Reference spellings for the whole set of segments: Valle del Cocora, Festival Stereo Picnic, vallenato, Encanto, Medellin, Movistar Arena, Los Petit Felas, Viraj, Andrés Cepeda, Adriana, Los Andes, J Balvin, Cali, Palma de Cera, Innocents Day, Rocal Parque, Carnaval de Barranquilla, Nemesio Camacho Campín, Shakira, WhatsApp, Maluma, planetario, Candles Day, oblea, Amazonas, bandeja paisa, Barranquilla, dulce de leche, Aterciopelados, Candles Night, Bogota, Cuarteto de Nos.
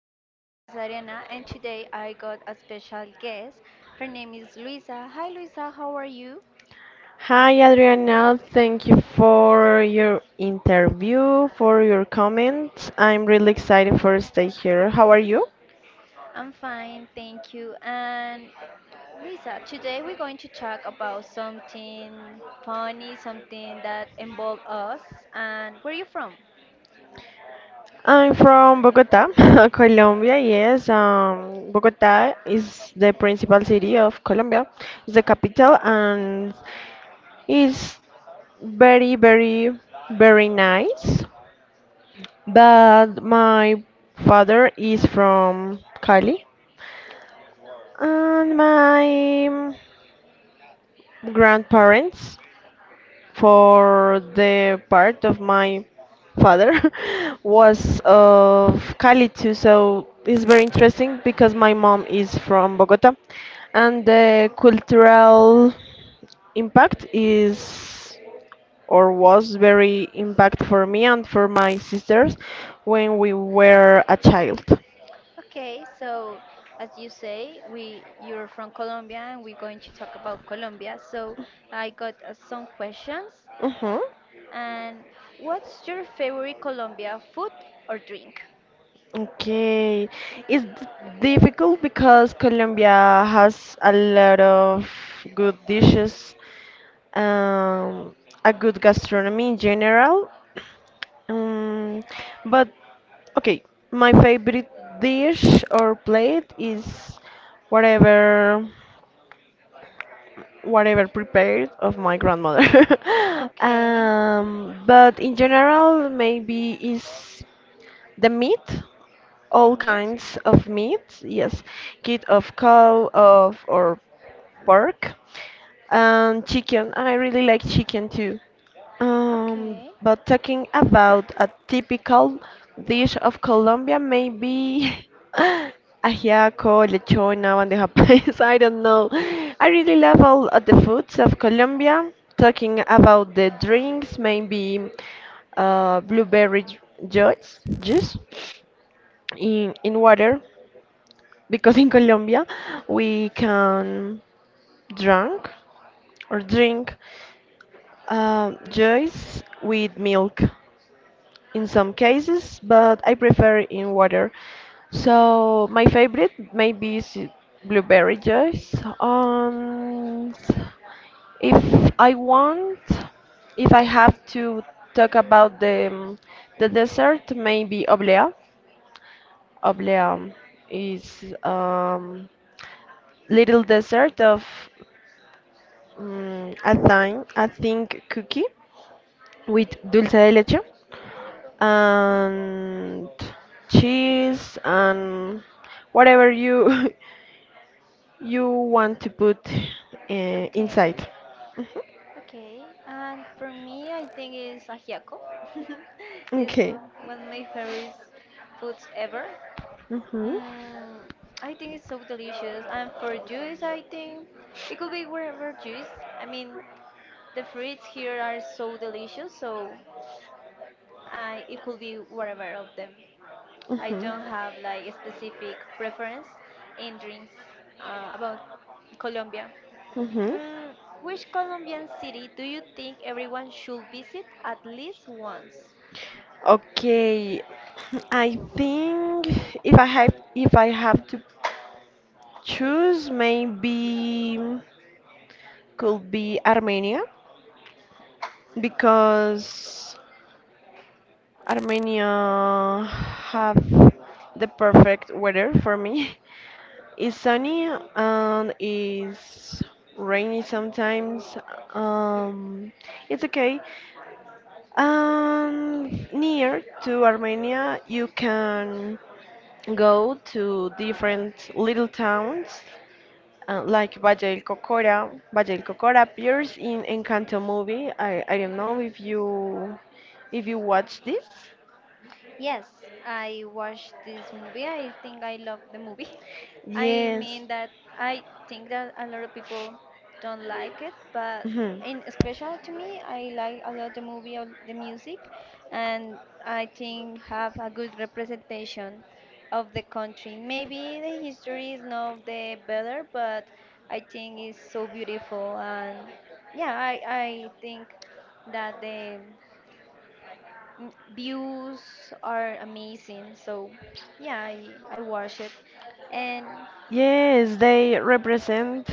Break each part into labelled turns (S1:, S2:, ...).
S1: that my name is Ariana and today I got a special guest. Her name is Luisa. Hi Luisa, how are you?
S2: Hi, Adriana. Thank you for your interview, for your comments. I'm really excited for stay here. How are you?
S1: I'm fine, thank you. And Luisa, today we're going to talk about something funny, something that involved us. And where are you from?
S2: I'm from Bogota, Colombia. Yes, Bogota is the principal city of Colombia. It's the capital, and it's very, very, very nice. But my father is from Cali, and my grandparents for the part of my father was of Cali too, so it's very interesting because my mom is from Bogota and the cultural impact is or was very impact for me and for my sisters when we were a child.
S1: Okay, so as you say, we you're from Colombia and we're going to talk about Colombia. So I got some questions.
S2: hmm
S1: And what's your favorite Colombia food or drink?
S2: Okay, it's d- difficult because Colombia has a lot of good dishes um, a good gastronomy in general. Um, but okay, my favorite dish or plate is whatever whatever prepared of my grandmother.
S1: Okay,
S2: But in general, maybe is the meat,
S1: the
S2: all
S1: meat.
S2: kinds of meat, yes, kid of cow, of or pork, and chicken. I really like chicken too.
S1: Okay,
S2: But talking about a typical dish of Colombia, maybe ajiaco, lechona, bandeja paisa, I don't know. I really love all of the foods of Colombia. Talking about the drinks, maybe blueberry juice, juice in water, because in Colombia we can drink or drink juice with milk, in some cases, but I prefer in water. So my favorite maybe is blueberry juice. Um, if I want, if I have to talk about the dessert, maybe oblea. Oblea is little dessert of a thing cookie with dulce de leche, and cheese and whatever you you want to put uh,
S1: okay,
S2: inside.
S1: okay. And for me, I think it's ajiaco. It's
S2: Mhm.
S1: one of my favorite foods ever.
S2: Okay.
S1: Mm, I think it's so delicious. And for juice, I think it could be whatever juice. I mean, the fruits here are so delicious, so it could be whatever of them. I
S2: hmm
S1: don't have like a specific preference in drinks about Colombia.
S2: hmm hmm
S1: Mm, which Colombian city do you think everyone should visit at least once?
S2: Okay. I think if I have to choose, maybe could be Armenia because Armenia have the perfect weather for me. It's sunny and it's rainy sometimes. Um, it's okay. Near to Armenia, you can go to different little towns like Valle del Cocora. Valle del Cocora appears in Encanto movie. I don't know if you watch this.
S1: Yes, I watched this movie. I think I love the movie. I
S2: Yes.
S1: mean that I think that a lot of people don't like it, but
S2: Mhm.
S1: in special to me, I like a lot the movie or the music, and I think have a good representation of the country. Maybe the history is not the better, but I think it's so beautiful, and yeah, I think that views are amazing, so yeah, I watch it. And
S2: Yes, they represent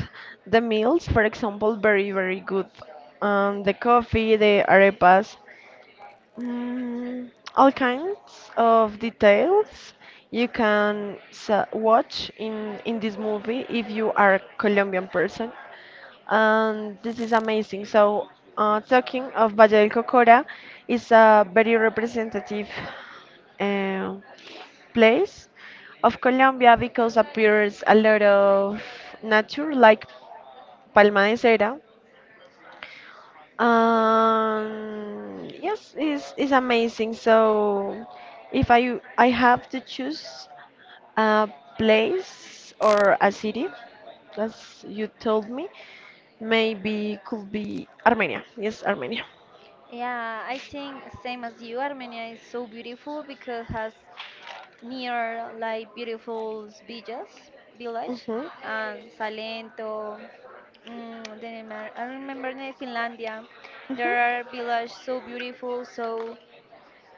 S2: the meals, for example, very, very good. The coffee, the arepas, mm, all kinds of details you can watch in this movie. If you are a Colombian person this is amazing. So, talking of Valle del Cocora, is a very representative uh, place of Colombia because appears a lot of nature like Palma de Cera. Yes, it's amazing. So, if I have to choose a place or a city, as you told me. Maybe could be Armenia. Yes, Armenia.
S1: yeah, I think same as you, Armenia is so beautiful because has near like beautiful villages, village,
S2: Mm-hmm.
S1: and Salento. Then I remember in Finlandia, there are
S2: Mm-hmm.
S1: villages so beautiful, so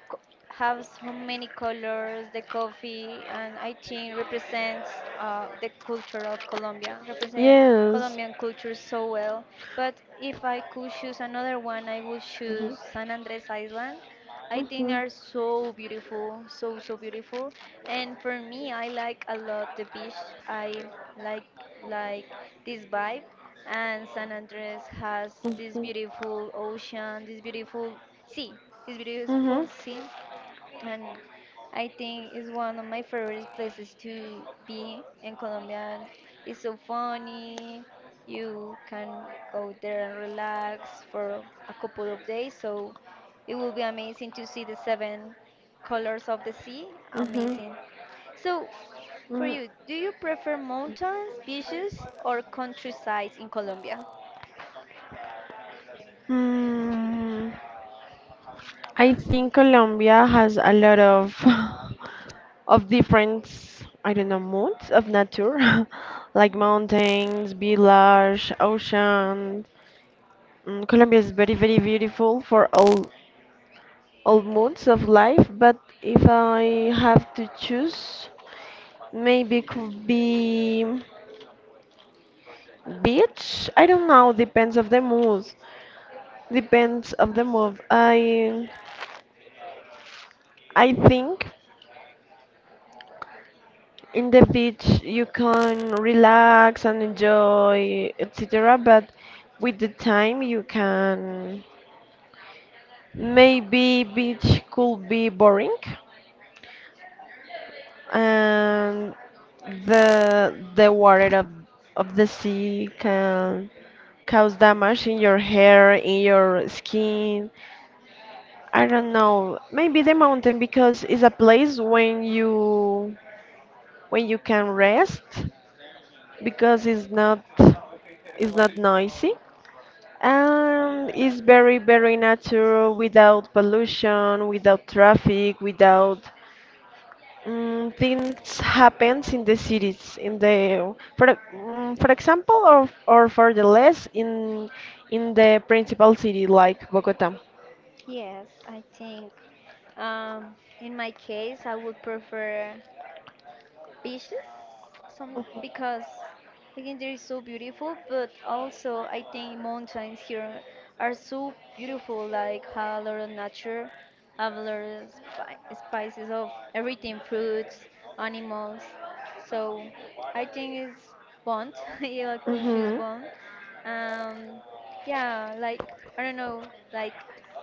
S1: co- have so many colors. The coffee and I think represents the culture of Colombia, represent
S2: Yes.
S1: Colombian culture so well. But if I could choose another one, I would
S2: Mm-hmm.
S1: choose San Andres Island. I think
S2: Mm-hmm.
S1: are so beautiful, so beautiful. And for me, I like a lot the beach. I like like this vibe. And San Andres has this
S2: Mm-hmm.
S1: beautiful ocean, sea, this beautiful sea
S2: Mm-hmm.
S1: and I think it's one of my favorite places to be in Colombia. It's so funny. You can go there and relax for a couple of days. So it will be amazing to see the seven colors of the sea.
S2: Mm-hmm.
S1: Amazing. So for you, do you prefer mountains, beaches, or countryside in Colombia?
S2: Mm, I think Colombia has a lot of of different, I don't know, moods of nature, like mountains, village, ocean, mm, Colombia is very, very beautiful for all moods of life, but if I have to choose, maybe could be beach. I don't know, depends of the mood. Depends of the mood. I think in the beach you can relax and enjoy, etc. But with the time you can maybe beach could be boring and the water of the sea can cause damage in your hair, in your skin. I don't know. Maybe the mountain because it's a place when you can rest because it's not noisy and it's very very natural without pollution, without traffic, without mm, things happens in the cities in the for for example or for the less in the principal city like Bogota.
S1: Yes, I think in my case, I would prefer ambitious some because again they're so beautiful, but also I think mountains here are so beautiful, like have a lot of nature, have a lot of spices of everything, fruits, animals, so I think it's bond. Yeah, could choose
S2: Mm-hmm.
S1: bond. um yeah, like I don't know, like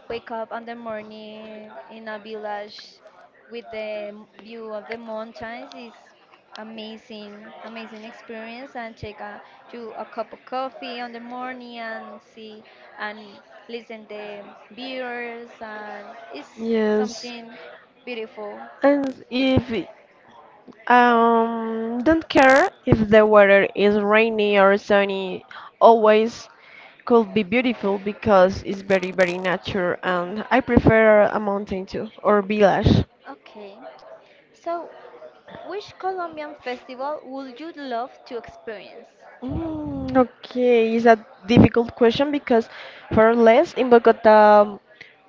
S1: wake up on the morning in a village with the view of the mountains is amazing, amazing experience. And take a you a cup of coffee on the morning and see and listen the birds and it's
S2: Yes.
S1: something beautiful.
S2: And if don't care if the weather is rainy or sunny, always could be beautiful because it's very very nature and I prefer a mountain too or village.
S1: Okay. So, which Colombian festival would you love to experience?
S2: Okay, it's a difficult question because for less in Bogota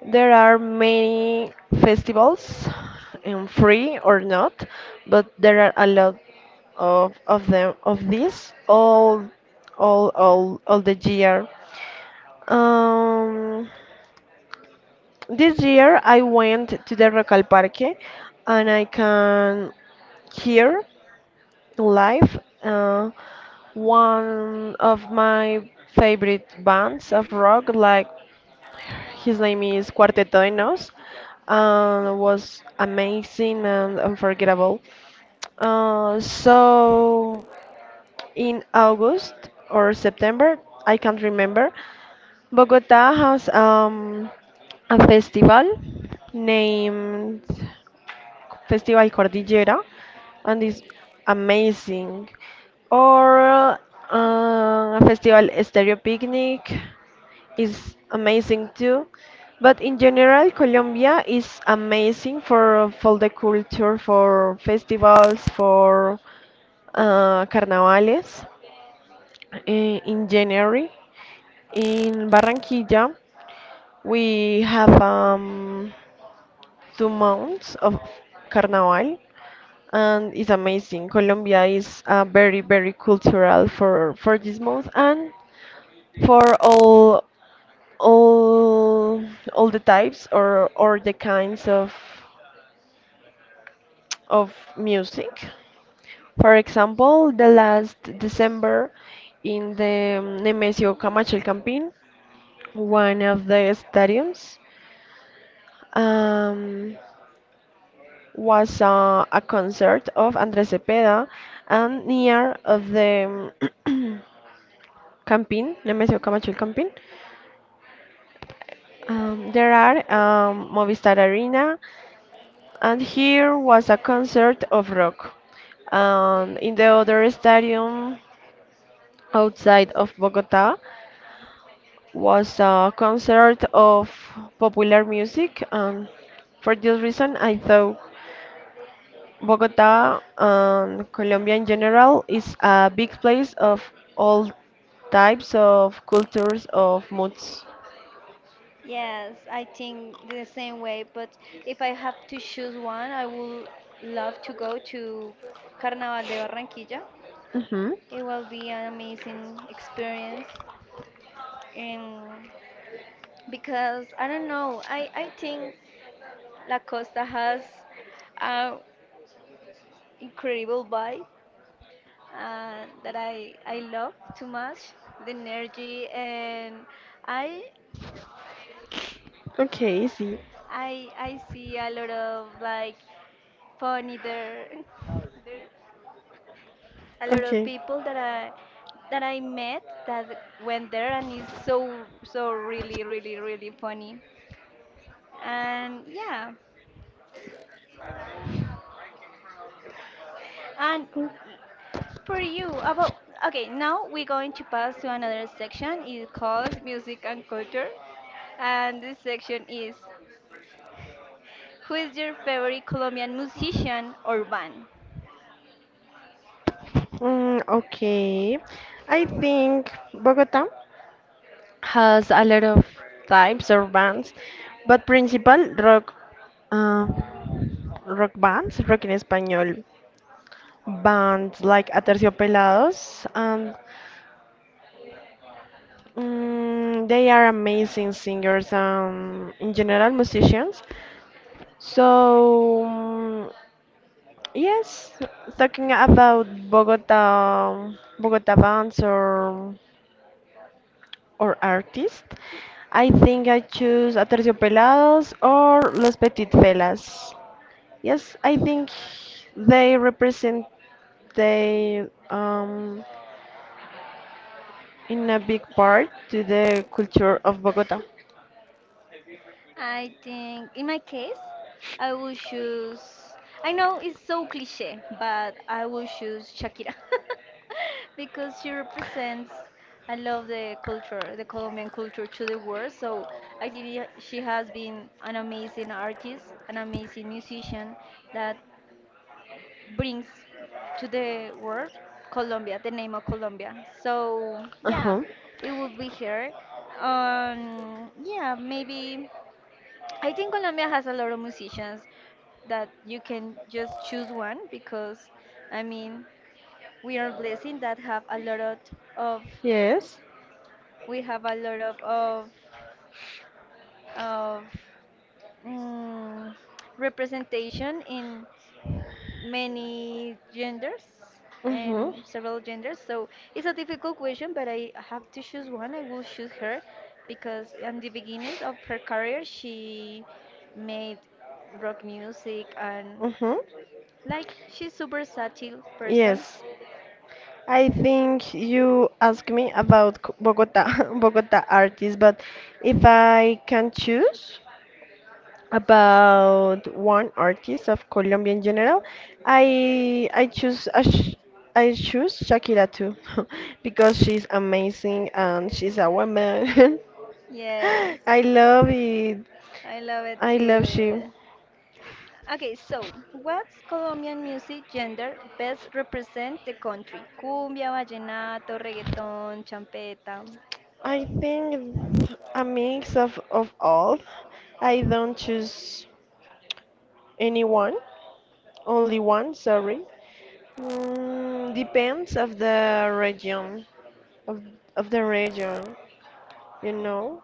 S2: there are many festivals, free or not, but there are a lot of them of these all all the year. Um, this year I went to the Rocal Parque and I can hear live. One of my favorite bands of rock, like his name is Cuarteto de Nos, was amazing and unforgettable. So in August or September, I can't remember, Bogota has a festival named Festival Cordillera, and it's amazing. Or Festival Stereo Picnic is amazing too. But in general, Colombia is amazing for the culture, for festivals, for carnavales. In January, in Barranquilla, we have 2 months of carnaval, and it's amazing. Colombia is very very cultural for this month and for all all the types or the kinds of music. For example, the last December in the Nemesio Camacho Campín, one of the stadiums um, was a concert of Andrés Cepeda and near of the Campín, Nemesio Camacho el Campín. There are Movistar Arena, and here was a concert of rock. And in the other stadium outside of Bogota was a concert of popular music. And for this reason, I thought Bogota and Colombia in general is a big place of all types of cultures of moods.
S1: Yes, I think the same way, but if I have to choose one, I would love to go to Carnaval de Barranquilla.
S2: hmm
S1: It will be an amazing experience. And because I don't know, I think La Costa has an incredible vibe that I love too much, the energy, and I,
S2: Okay, see.
S1: I see a lot of like funny there. There's a lot of
S2: Okay.
S1: people that I met that went there and it's so really really really funny. And yeah. And for you about Okay, now we're going to pass to another section. It calls music and culture. And this section is who is your favorite Colombian musician or band?
S2: Okay. I think Bogota has a lot of types of bands, but principal rock, uh, rock bands, rock en español, bands like Aterciopelados, and mm, they are amazing singers, in general musicians. So yes, talking about Bogota, bands or artist. I think I choose Aterciopelados or Los Petit Felas. Yes, I think they represent they in a big part to the culture of Bogota.
S1: I think in my case, I will choose. I know it's so cliche, but I will choose Shakira. Because she represents. I love the culture, the Colombian culture to the world. So I think she has been an amazing artist, an amazing musician that brings to the world Colombia, the name of Colombia. So yeah,
S2: Uh-huh.
S1: it would be her. Yeah, maybe. I think Colombia has a lot of musicians that you can just choose one because I mean we are blessed that have a lot of
S2: Yes.
S1: we have a lot of mm, representation in many genders
S2: Mm-hmm.
S1: and several genders, so it's a difficult question, but I have to choose one. I will choose her because in the beginnings of her career she made rock music. And
S2: Mm-hmm.
S1: like she's super subtle person.
S2: Yes. I think you asked me about Bogota artists, but if I can choose about one artist of Colombian general, I I choose Ash- I choose Shakira too. Because she's amazing and she's a woman.
S1: Yes,
S2: I love it.
S1: I love it
S2: I love she.
S1: too. Okay, so what's Colombian music gender best represent the country? Cumbia, vallenato, reggaeton, champeta.
S2: I think it's a mix of all. I don't choose anyone, only one. Sorry. Depends of of the region, you know.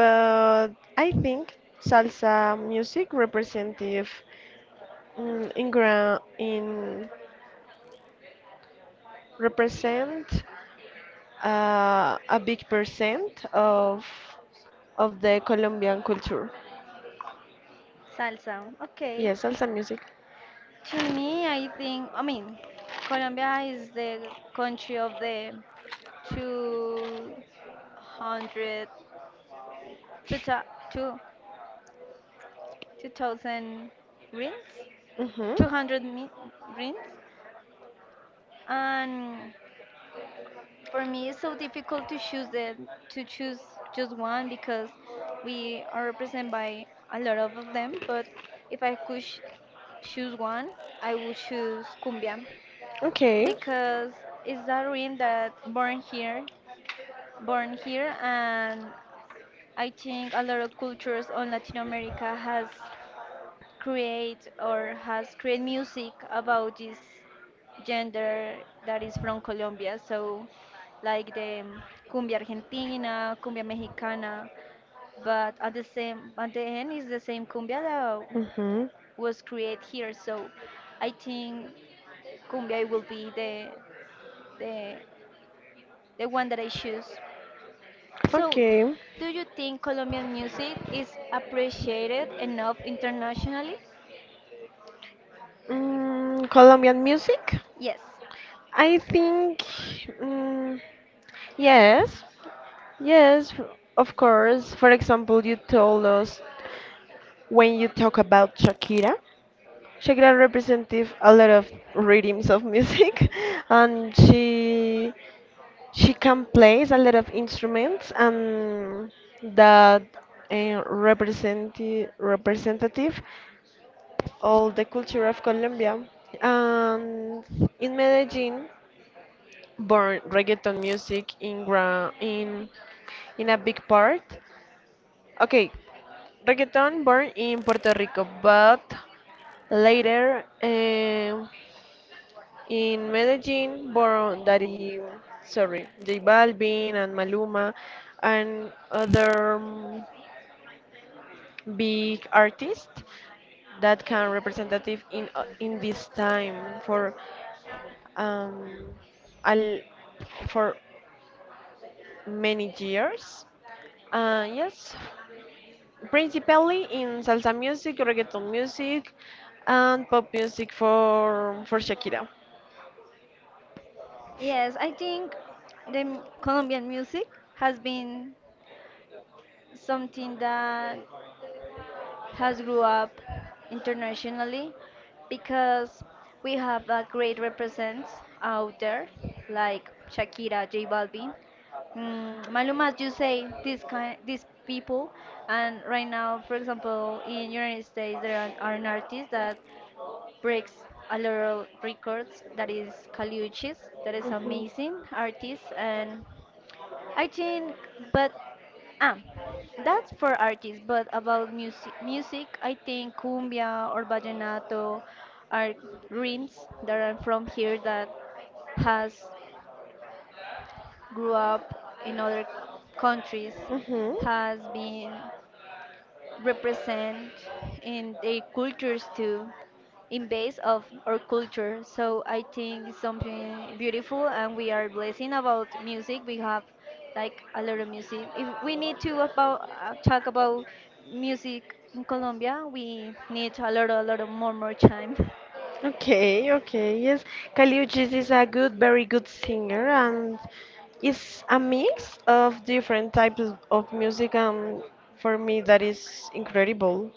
S2: But I think salsa music representative in represent a big percent of the Colombian culture.
S1: Salsa. Okay.
S2: Yes, salsa music.
S1: To me, I think, I mean, Colombia is the country of the 200, 2000 rings?
S2: hmm
S1: 200 rings? And for me, it's so difficult to choose to choose just one because we are represented by a lot of them. But if I could choose one, I would choose cumbia
S2: Okay.
S1: because it's a rhythm that born here, and I think a lot of cultures on Latin America has create or has created music about this gender that is from Colombia. So, like the cumbia argentina, cumbia mexicana, but at the same at the end is the same cumbia that
S2: hmm
S1: was created here. So, I think cumbia will be the the the one that I choose. So,
S2: Okay.
S1: do you think Colombian music is appreciated enough internationally?
S2: Mm, Colombian music?
S1: Yes.
S2: I think, mm, yes, yes, of course. For example, you told us when you talk about Shakira. She got representative a lot of rhythms of music and she can play a lot of instruments and that representative all the culture of Colombia. And in Medellin born reggaeton music in a big part. Okay, reggaeton born in Puerto Rico but later. In Medellin, J Balvin and Maluma and other big artists that can representative in this time for um al for many years. Yes, principally in salsa music, reggaeton music, and pop music for Shakira.
S1: Yes, I think the Colombian music has been something that has grew up internationally because we have a great represents out there like Shakira, J Balvin. Mm, Maluma, as you say, this kind, these people, and right now, for example, in United States, there are an artist that breaks a lot of records. That is Kaliuchis. That is amazing artist, and I think, but ah, that's for artists. But about music, music, I think cumbia or vallenato are rhythms that are from here that has grew up in other countries,
S2: Country. Hmm
S1: has been represent in their cultures too, in base of our culture, so I think it's something beautiful and we are blessing about music. We have like a lot of music. If we need to about talk about music in Colombia, we need a lot of more time.
S2: Okay, okay, yes. Kaliuchis is a good, very good singer, and it's a mix of different types of music, and for me that is incredible.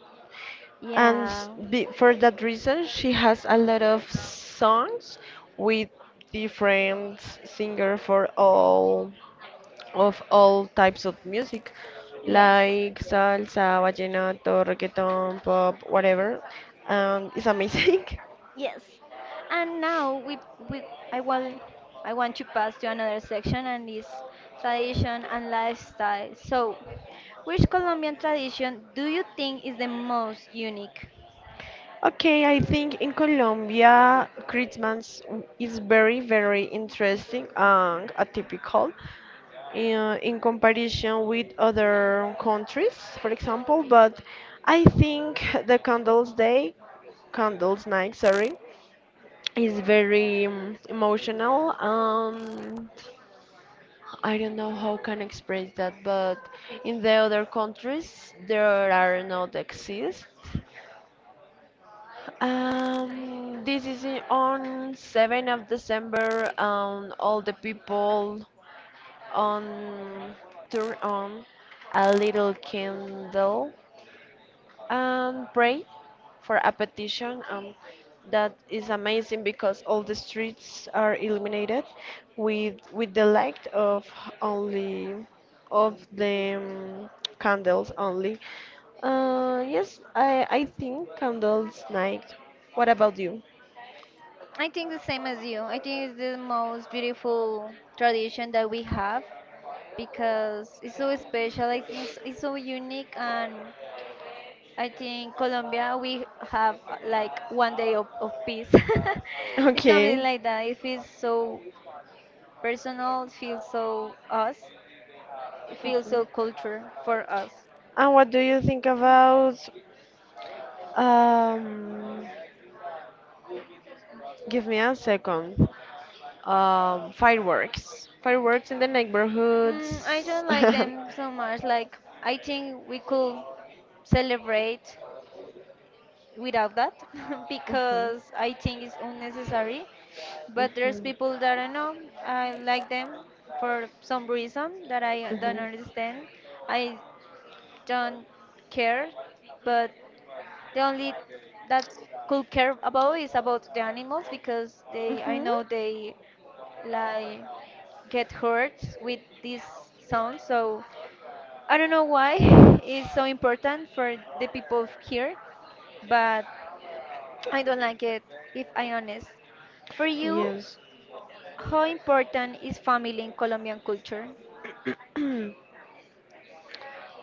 S2: And
S1: Yeah.
S2: for that reason she has a lot of songs with different singer for all of all types of music
S1: Yes.
S2: like salsa, vallenato, reggaeton, pop, whatever, and it's amazing.
S1: Yes. And now we I want I want to pass to another section and is tradition and lifestyle. So, which Colombian tradition do you think is the most unique?
S2: Okay, I think in Colombia Christmas is very very interesting and atypical in comparison with other countries, for example, but I think the Candles Day, Candles Night, sorry, is very emotional and I don't know how can express that, but in the other countries there are not exist. On 7th of December, and all the people on turn on a little candle and pray for a petition, that is amazing because all the streets are illuminated with the light of only of the candles only. Yes, I think candles night. What about you?
S1: I think the same as you. I think it's the most beautiful tradition that we have because it's so special. I think it's so unique, and I think Colombia we have like one day of peace. It's something
S2: Okay,
S1: like that. It feels so personal, feels so us, feels so culture for us.
S2: and what do you think about um, give me a second. Fireworks. Fireworks in the
S1: I
S2: neighborhoods.
S1: don't like them so much. Like I think we could celebrate without that.
S2: Mhm,
S1: Because I think it's unnecessary. But there's
S2: mhm,
S1: people that I know. I like them for some reason that I don't
S2: mhm,
S1: understand. I don't care, but the only that could care about is about the animals because they I
S2: mhm.
S1: know they like get hurt with this sound. So I don't know why it's so important for the people here, but I don't like it if I honest. For you,
S2: Yes.
S1: how important is family in Colombian culture?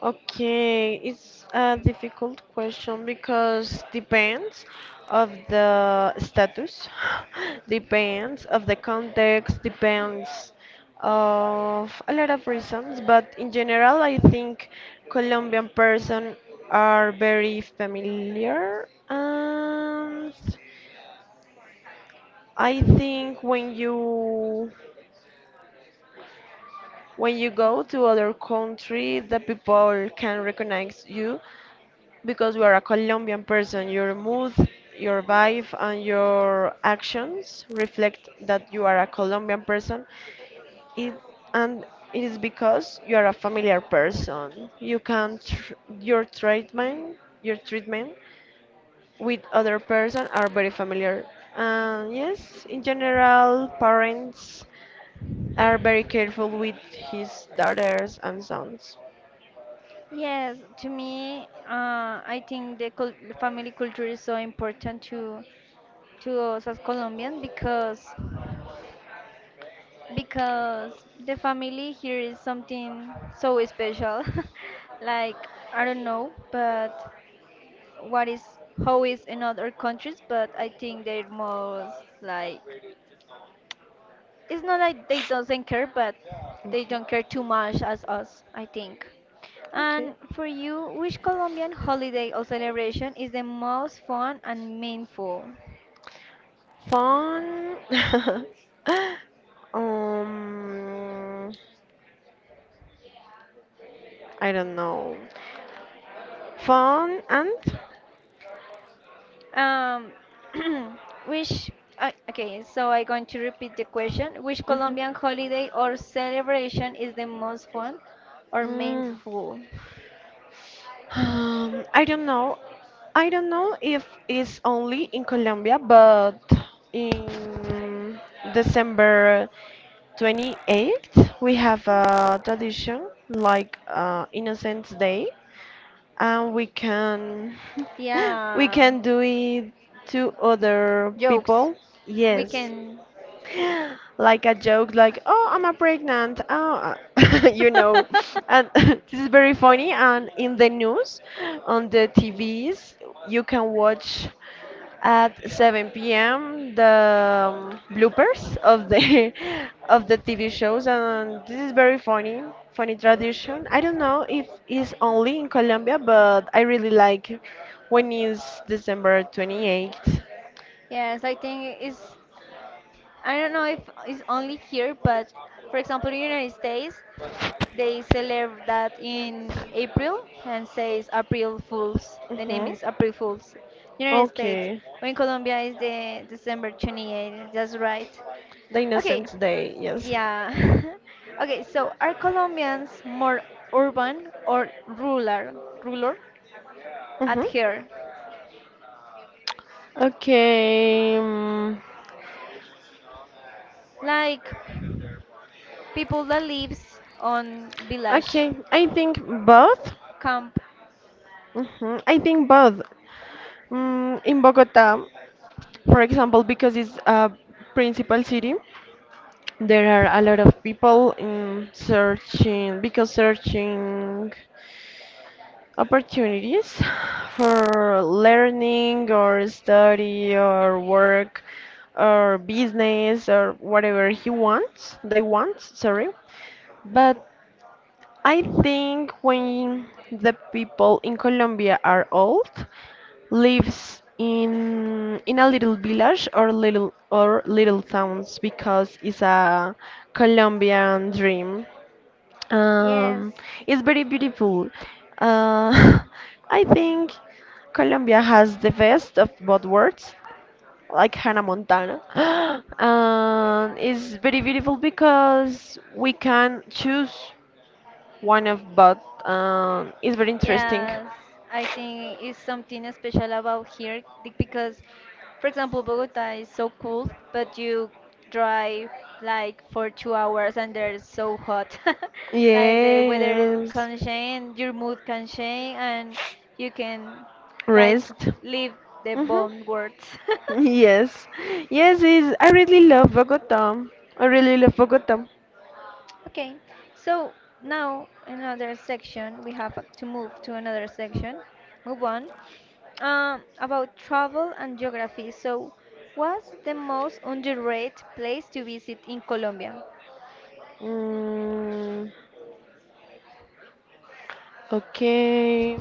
S2: Okay, it's a difficult question because depends of the status, depends of the context, depends of a lot of reasons, but in general, I think Colombian person are very familiar and I think when you go to other country, the people can recognize you because you are a Colombian person. Your mood, your vibe, and your actions reflect that you are a Colombian person. It, and it is because you are a familiar person. Your treatment, your treatment with other person are very familiar. And yes, in general, parents are very careful with his daughters and sons.
S1: Yes, to me, I think the cul family culture is so important to us as Colombian because the family here is something so special. Like I don't know, but what is how is in other countries, but I think they're most like it's not like they doesn't care, but they
S2: Okay.
S1: don't care too much as us, I think.
S2: Okay.
S1: And for you, which Colombian holiday or celebration is the most fun and meaningful?
S2: Fun. um, I don't know. Fun and
S1: Um, which okay, so I'm going to repeat the question. Which Colombian
S2: mhm.
S1: holiday or celebration is the most fun or
S2: Mhm.
S1: meaningful?
S2: I don't know. I don't know if it's only in Colombia, but in December 28th we have a tradition like Innocents Day, and we can we
S1: Yeah,
S2: can do it to other
S1: jokes.
S2: people.
S1: We
S2: Yes.
S1: can.
S2: Like a joke, like, oh, I'm a pregnant. Oh, you know. And this is very funny. And in the news, on the TVs, you can watch at 7 p.m. the bloopers of the of the TV shows, and this is very funny, funny tradition. I don't know if it's only in Colombia, but I really like when is December 28th.
S1: Yes, I think it's. I don't know if it's only here, but for example, in the United States, they celebrate that in April and says April Fools. The name
S2: Mm-hmm.
S1: is April Fools. United States.
S2: Okay.
S1: When Colombia is the December 28th, that's right.
S2: The
S1: Okay,
S2: Innocents Day, yes.
S1: yeah. Okay, so are Colombians more urban or rural? Rural. At
S2: Mm-hmm.
S1: here,
S2: Okay.
S1: like people that lives on village
S2: Okay. I think both.
S1: camp.
S2: Mm-hmm. I think both. Mm, in Bogota, for example, because it's a principal city, there are a lot of people in searching because searching opportunities for learning or study or work or business or whatever he wants they want, sorry, but I think when the people in Colombia are old lives in a little village or little towns because it's a Colombian dream.
S1: Yes.
S2: um, it's very beautiful. Uh, I think Colombia has the best of both worlds, like Hannah Montana. And it's very beautiful because we can choose one of both. It's very interesting.
S1: Yes, I think it's something special about here because, for example, Bogota is so cool, but you drive like for 2 hours and they're so hot. Like the weather
S2: Yes.
S1: can change, your mood can change, and you can like
S2: Rest.
S1: leave the
S2: Hmm.
S1: bomb words.
S2: Yes. Yes, is I really love Bogota. I really love Bogota.
S1: Okay, so now another section, we have to move to another section. Move on. About travel and geography. So, what's the most underrated place to visit in Colombia?
S2: Mm, okay.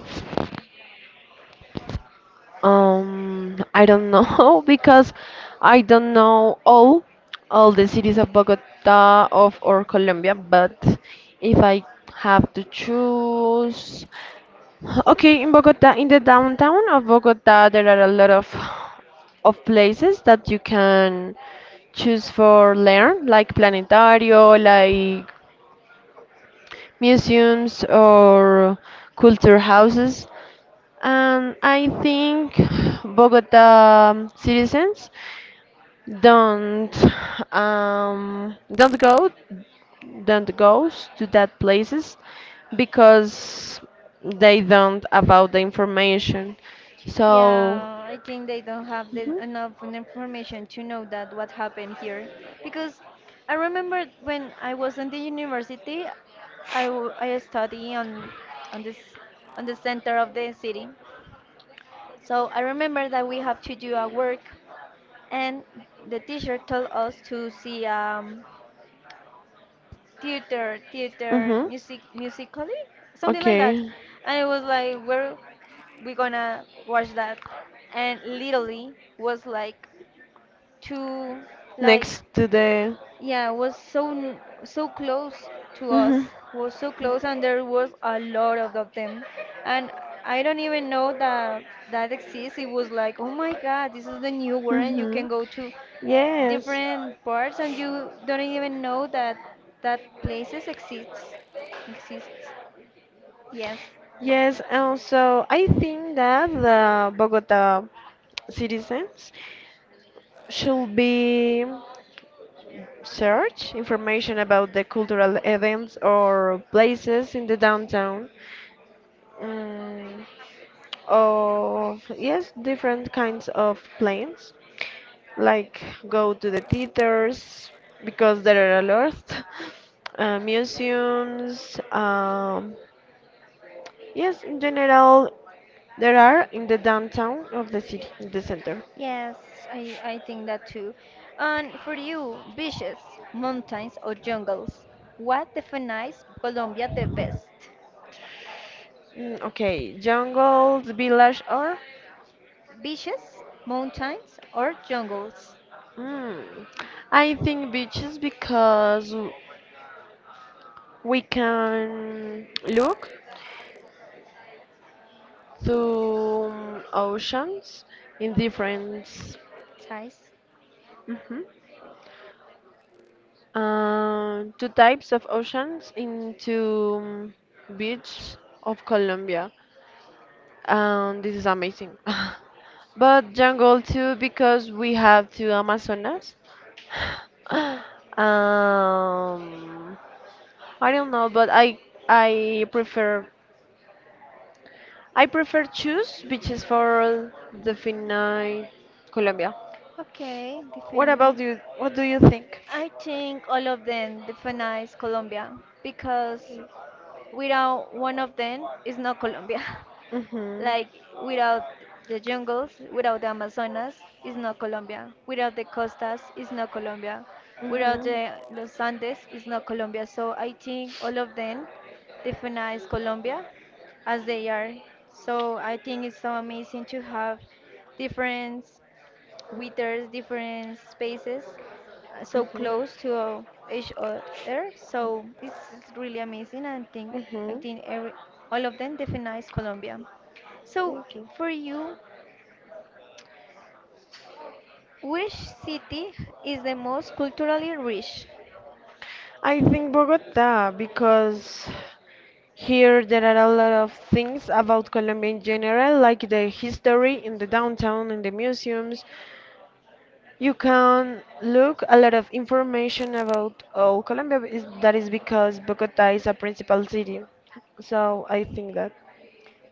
S2: I don't know because I don't know all the cities of Bogota of or Colombia, but if I have to choose, okay, in Bogota, in the downtown of Bogota, there are a lot of places that you can choose for learn, like planetario, like museums or culture houses. I think Bogota citizens don't don't go don't goes to that places because they don't about the information. So,
S1: Yeah, I think they don't have
S2: mhm,
S1: enough information to know that what happened here. Because I remember when I was in the university, I study on this on the center of the city. So I remember that we have to do a work, and the teacher told us to see theater
S2: mhm,
S1: music, musically, something like that.
S2: okay.
S1: And it was like, where we gonna watch that? And literally was like two, like.
S2: Next to the.
S1: Yeah, was so so close to
S2: Mhm.
S1: us, was so close, and there was a lot of them, and I don't even know that that exists. It was like, oh my God, this is the new world, and you can
S2: Mhm.
S1: go to
S2: Yes.
S1: different parts, and you don't even know that that places exists. Yes,
S2: Yes, and so I think that the Bogota citizens should be search information about the cultural events or places in the downtown. Mm. Of yes different kinds of plans like go to the theaters because there are a lot museums, yes, in general, there are in the downtown of the city in the center.
S1: yes, I think that too. And for you, beaches, mountains, or jungles, what defines Colombia the best?
S2: Mm, okay, jungles village or
S1: Beaches, mountains, or jungles?
S2: mm, I think beaches because we can look through oceans in different.
S1: Thais.
S2: Mhm. Two types of oceans into, um, beach of Colombia, and this is amazing. But jungle too, because we have two Amazonas. Um, I don't know, but I prefer I prefer choose beaches for the finite Colombia.
S1: Okay,
S2: What about
S1: define.
S2: you? What do you think?
S1: I think all of them defines Colombia because without one of them it's not Colombia.
S2: Mhm.
S1: Like without the jungles, without the Amazonas, is not Colombia. Without the costas, is not Colombia.
S2: Mhm.
S1: Without
S2: Mhm.
S1: the Los Andes, is not Colombia. So I think all of them definize Colombia as they are. So I think it's so amazing to have different, we there's different spaces so close to each other, so it's really amazing. And think I
S2: Mhm.
S1: think every all of them defines Colombia. So
S2: Okay.
S1: for you, which city is the most culturally rich?
S2: I think Bogota because here there are a lot of things about Colombia in general, like the history in the downtown and the museums. You can look a lot of information about all Colombia. Is that is because Bogota is a principal city. So I think that.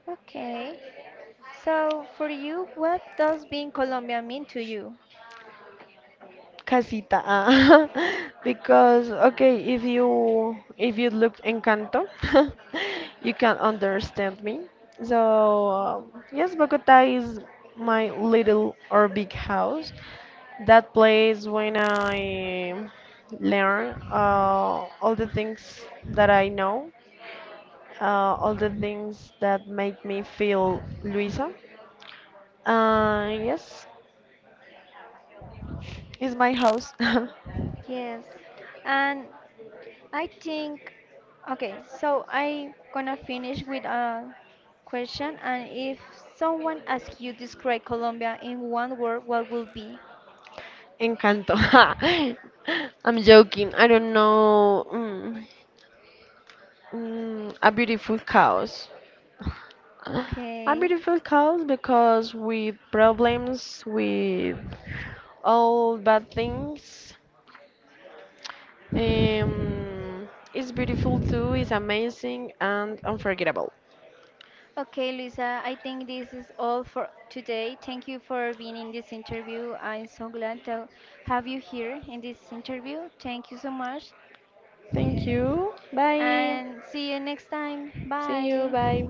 S1: Okay. So for you, what does being Colombia mean to you?
S2: Casita, ah, because okay, if you look Encanto, you can understand me. So yes, Bogota is my little or big house. That place when I learn all the things that I know, all the things that make me feel Luisa. Yes, is my house.
S1: Yes. And I think, okay, so I gonna finish with a question, and if someone asks you describe Colombia in one word, what will be?
S2: Encanto. Ha. I'm joking. I don't know. A beautiful chaos. A
S1: Okay.
S2: beautiful chaos because with problems, with all bad things, it's beautiful too. It's amazing and unforgettable.
S1: Okay, Luisa, I think this is all for today. Thank you for being in this interview. I'm so glad to have you here in this interview. Thank you so much,
S2: Thank you. Bye.
S1: and see you next time.
S2: See you.
S1: Bye.
S2: Bye.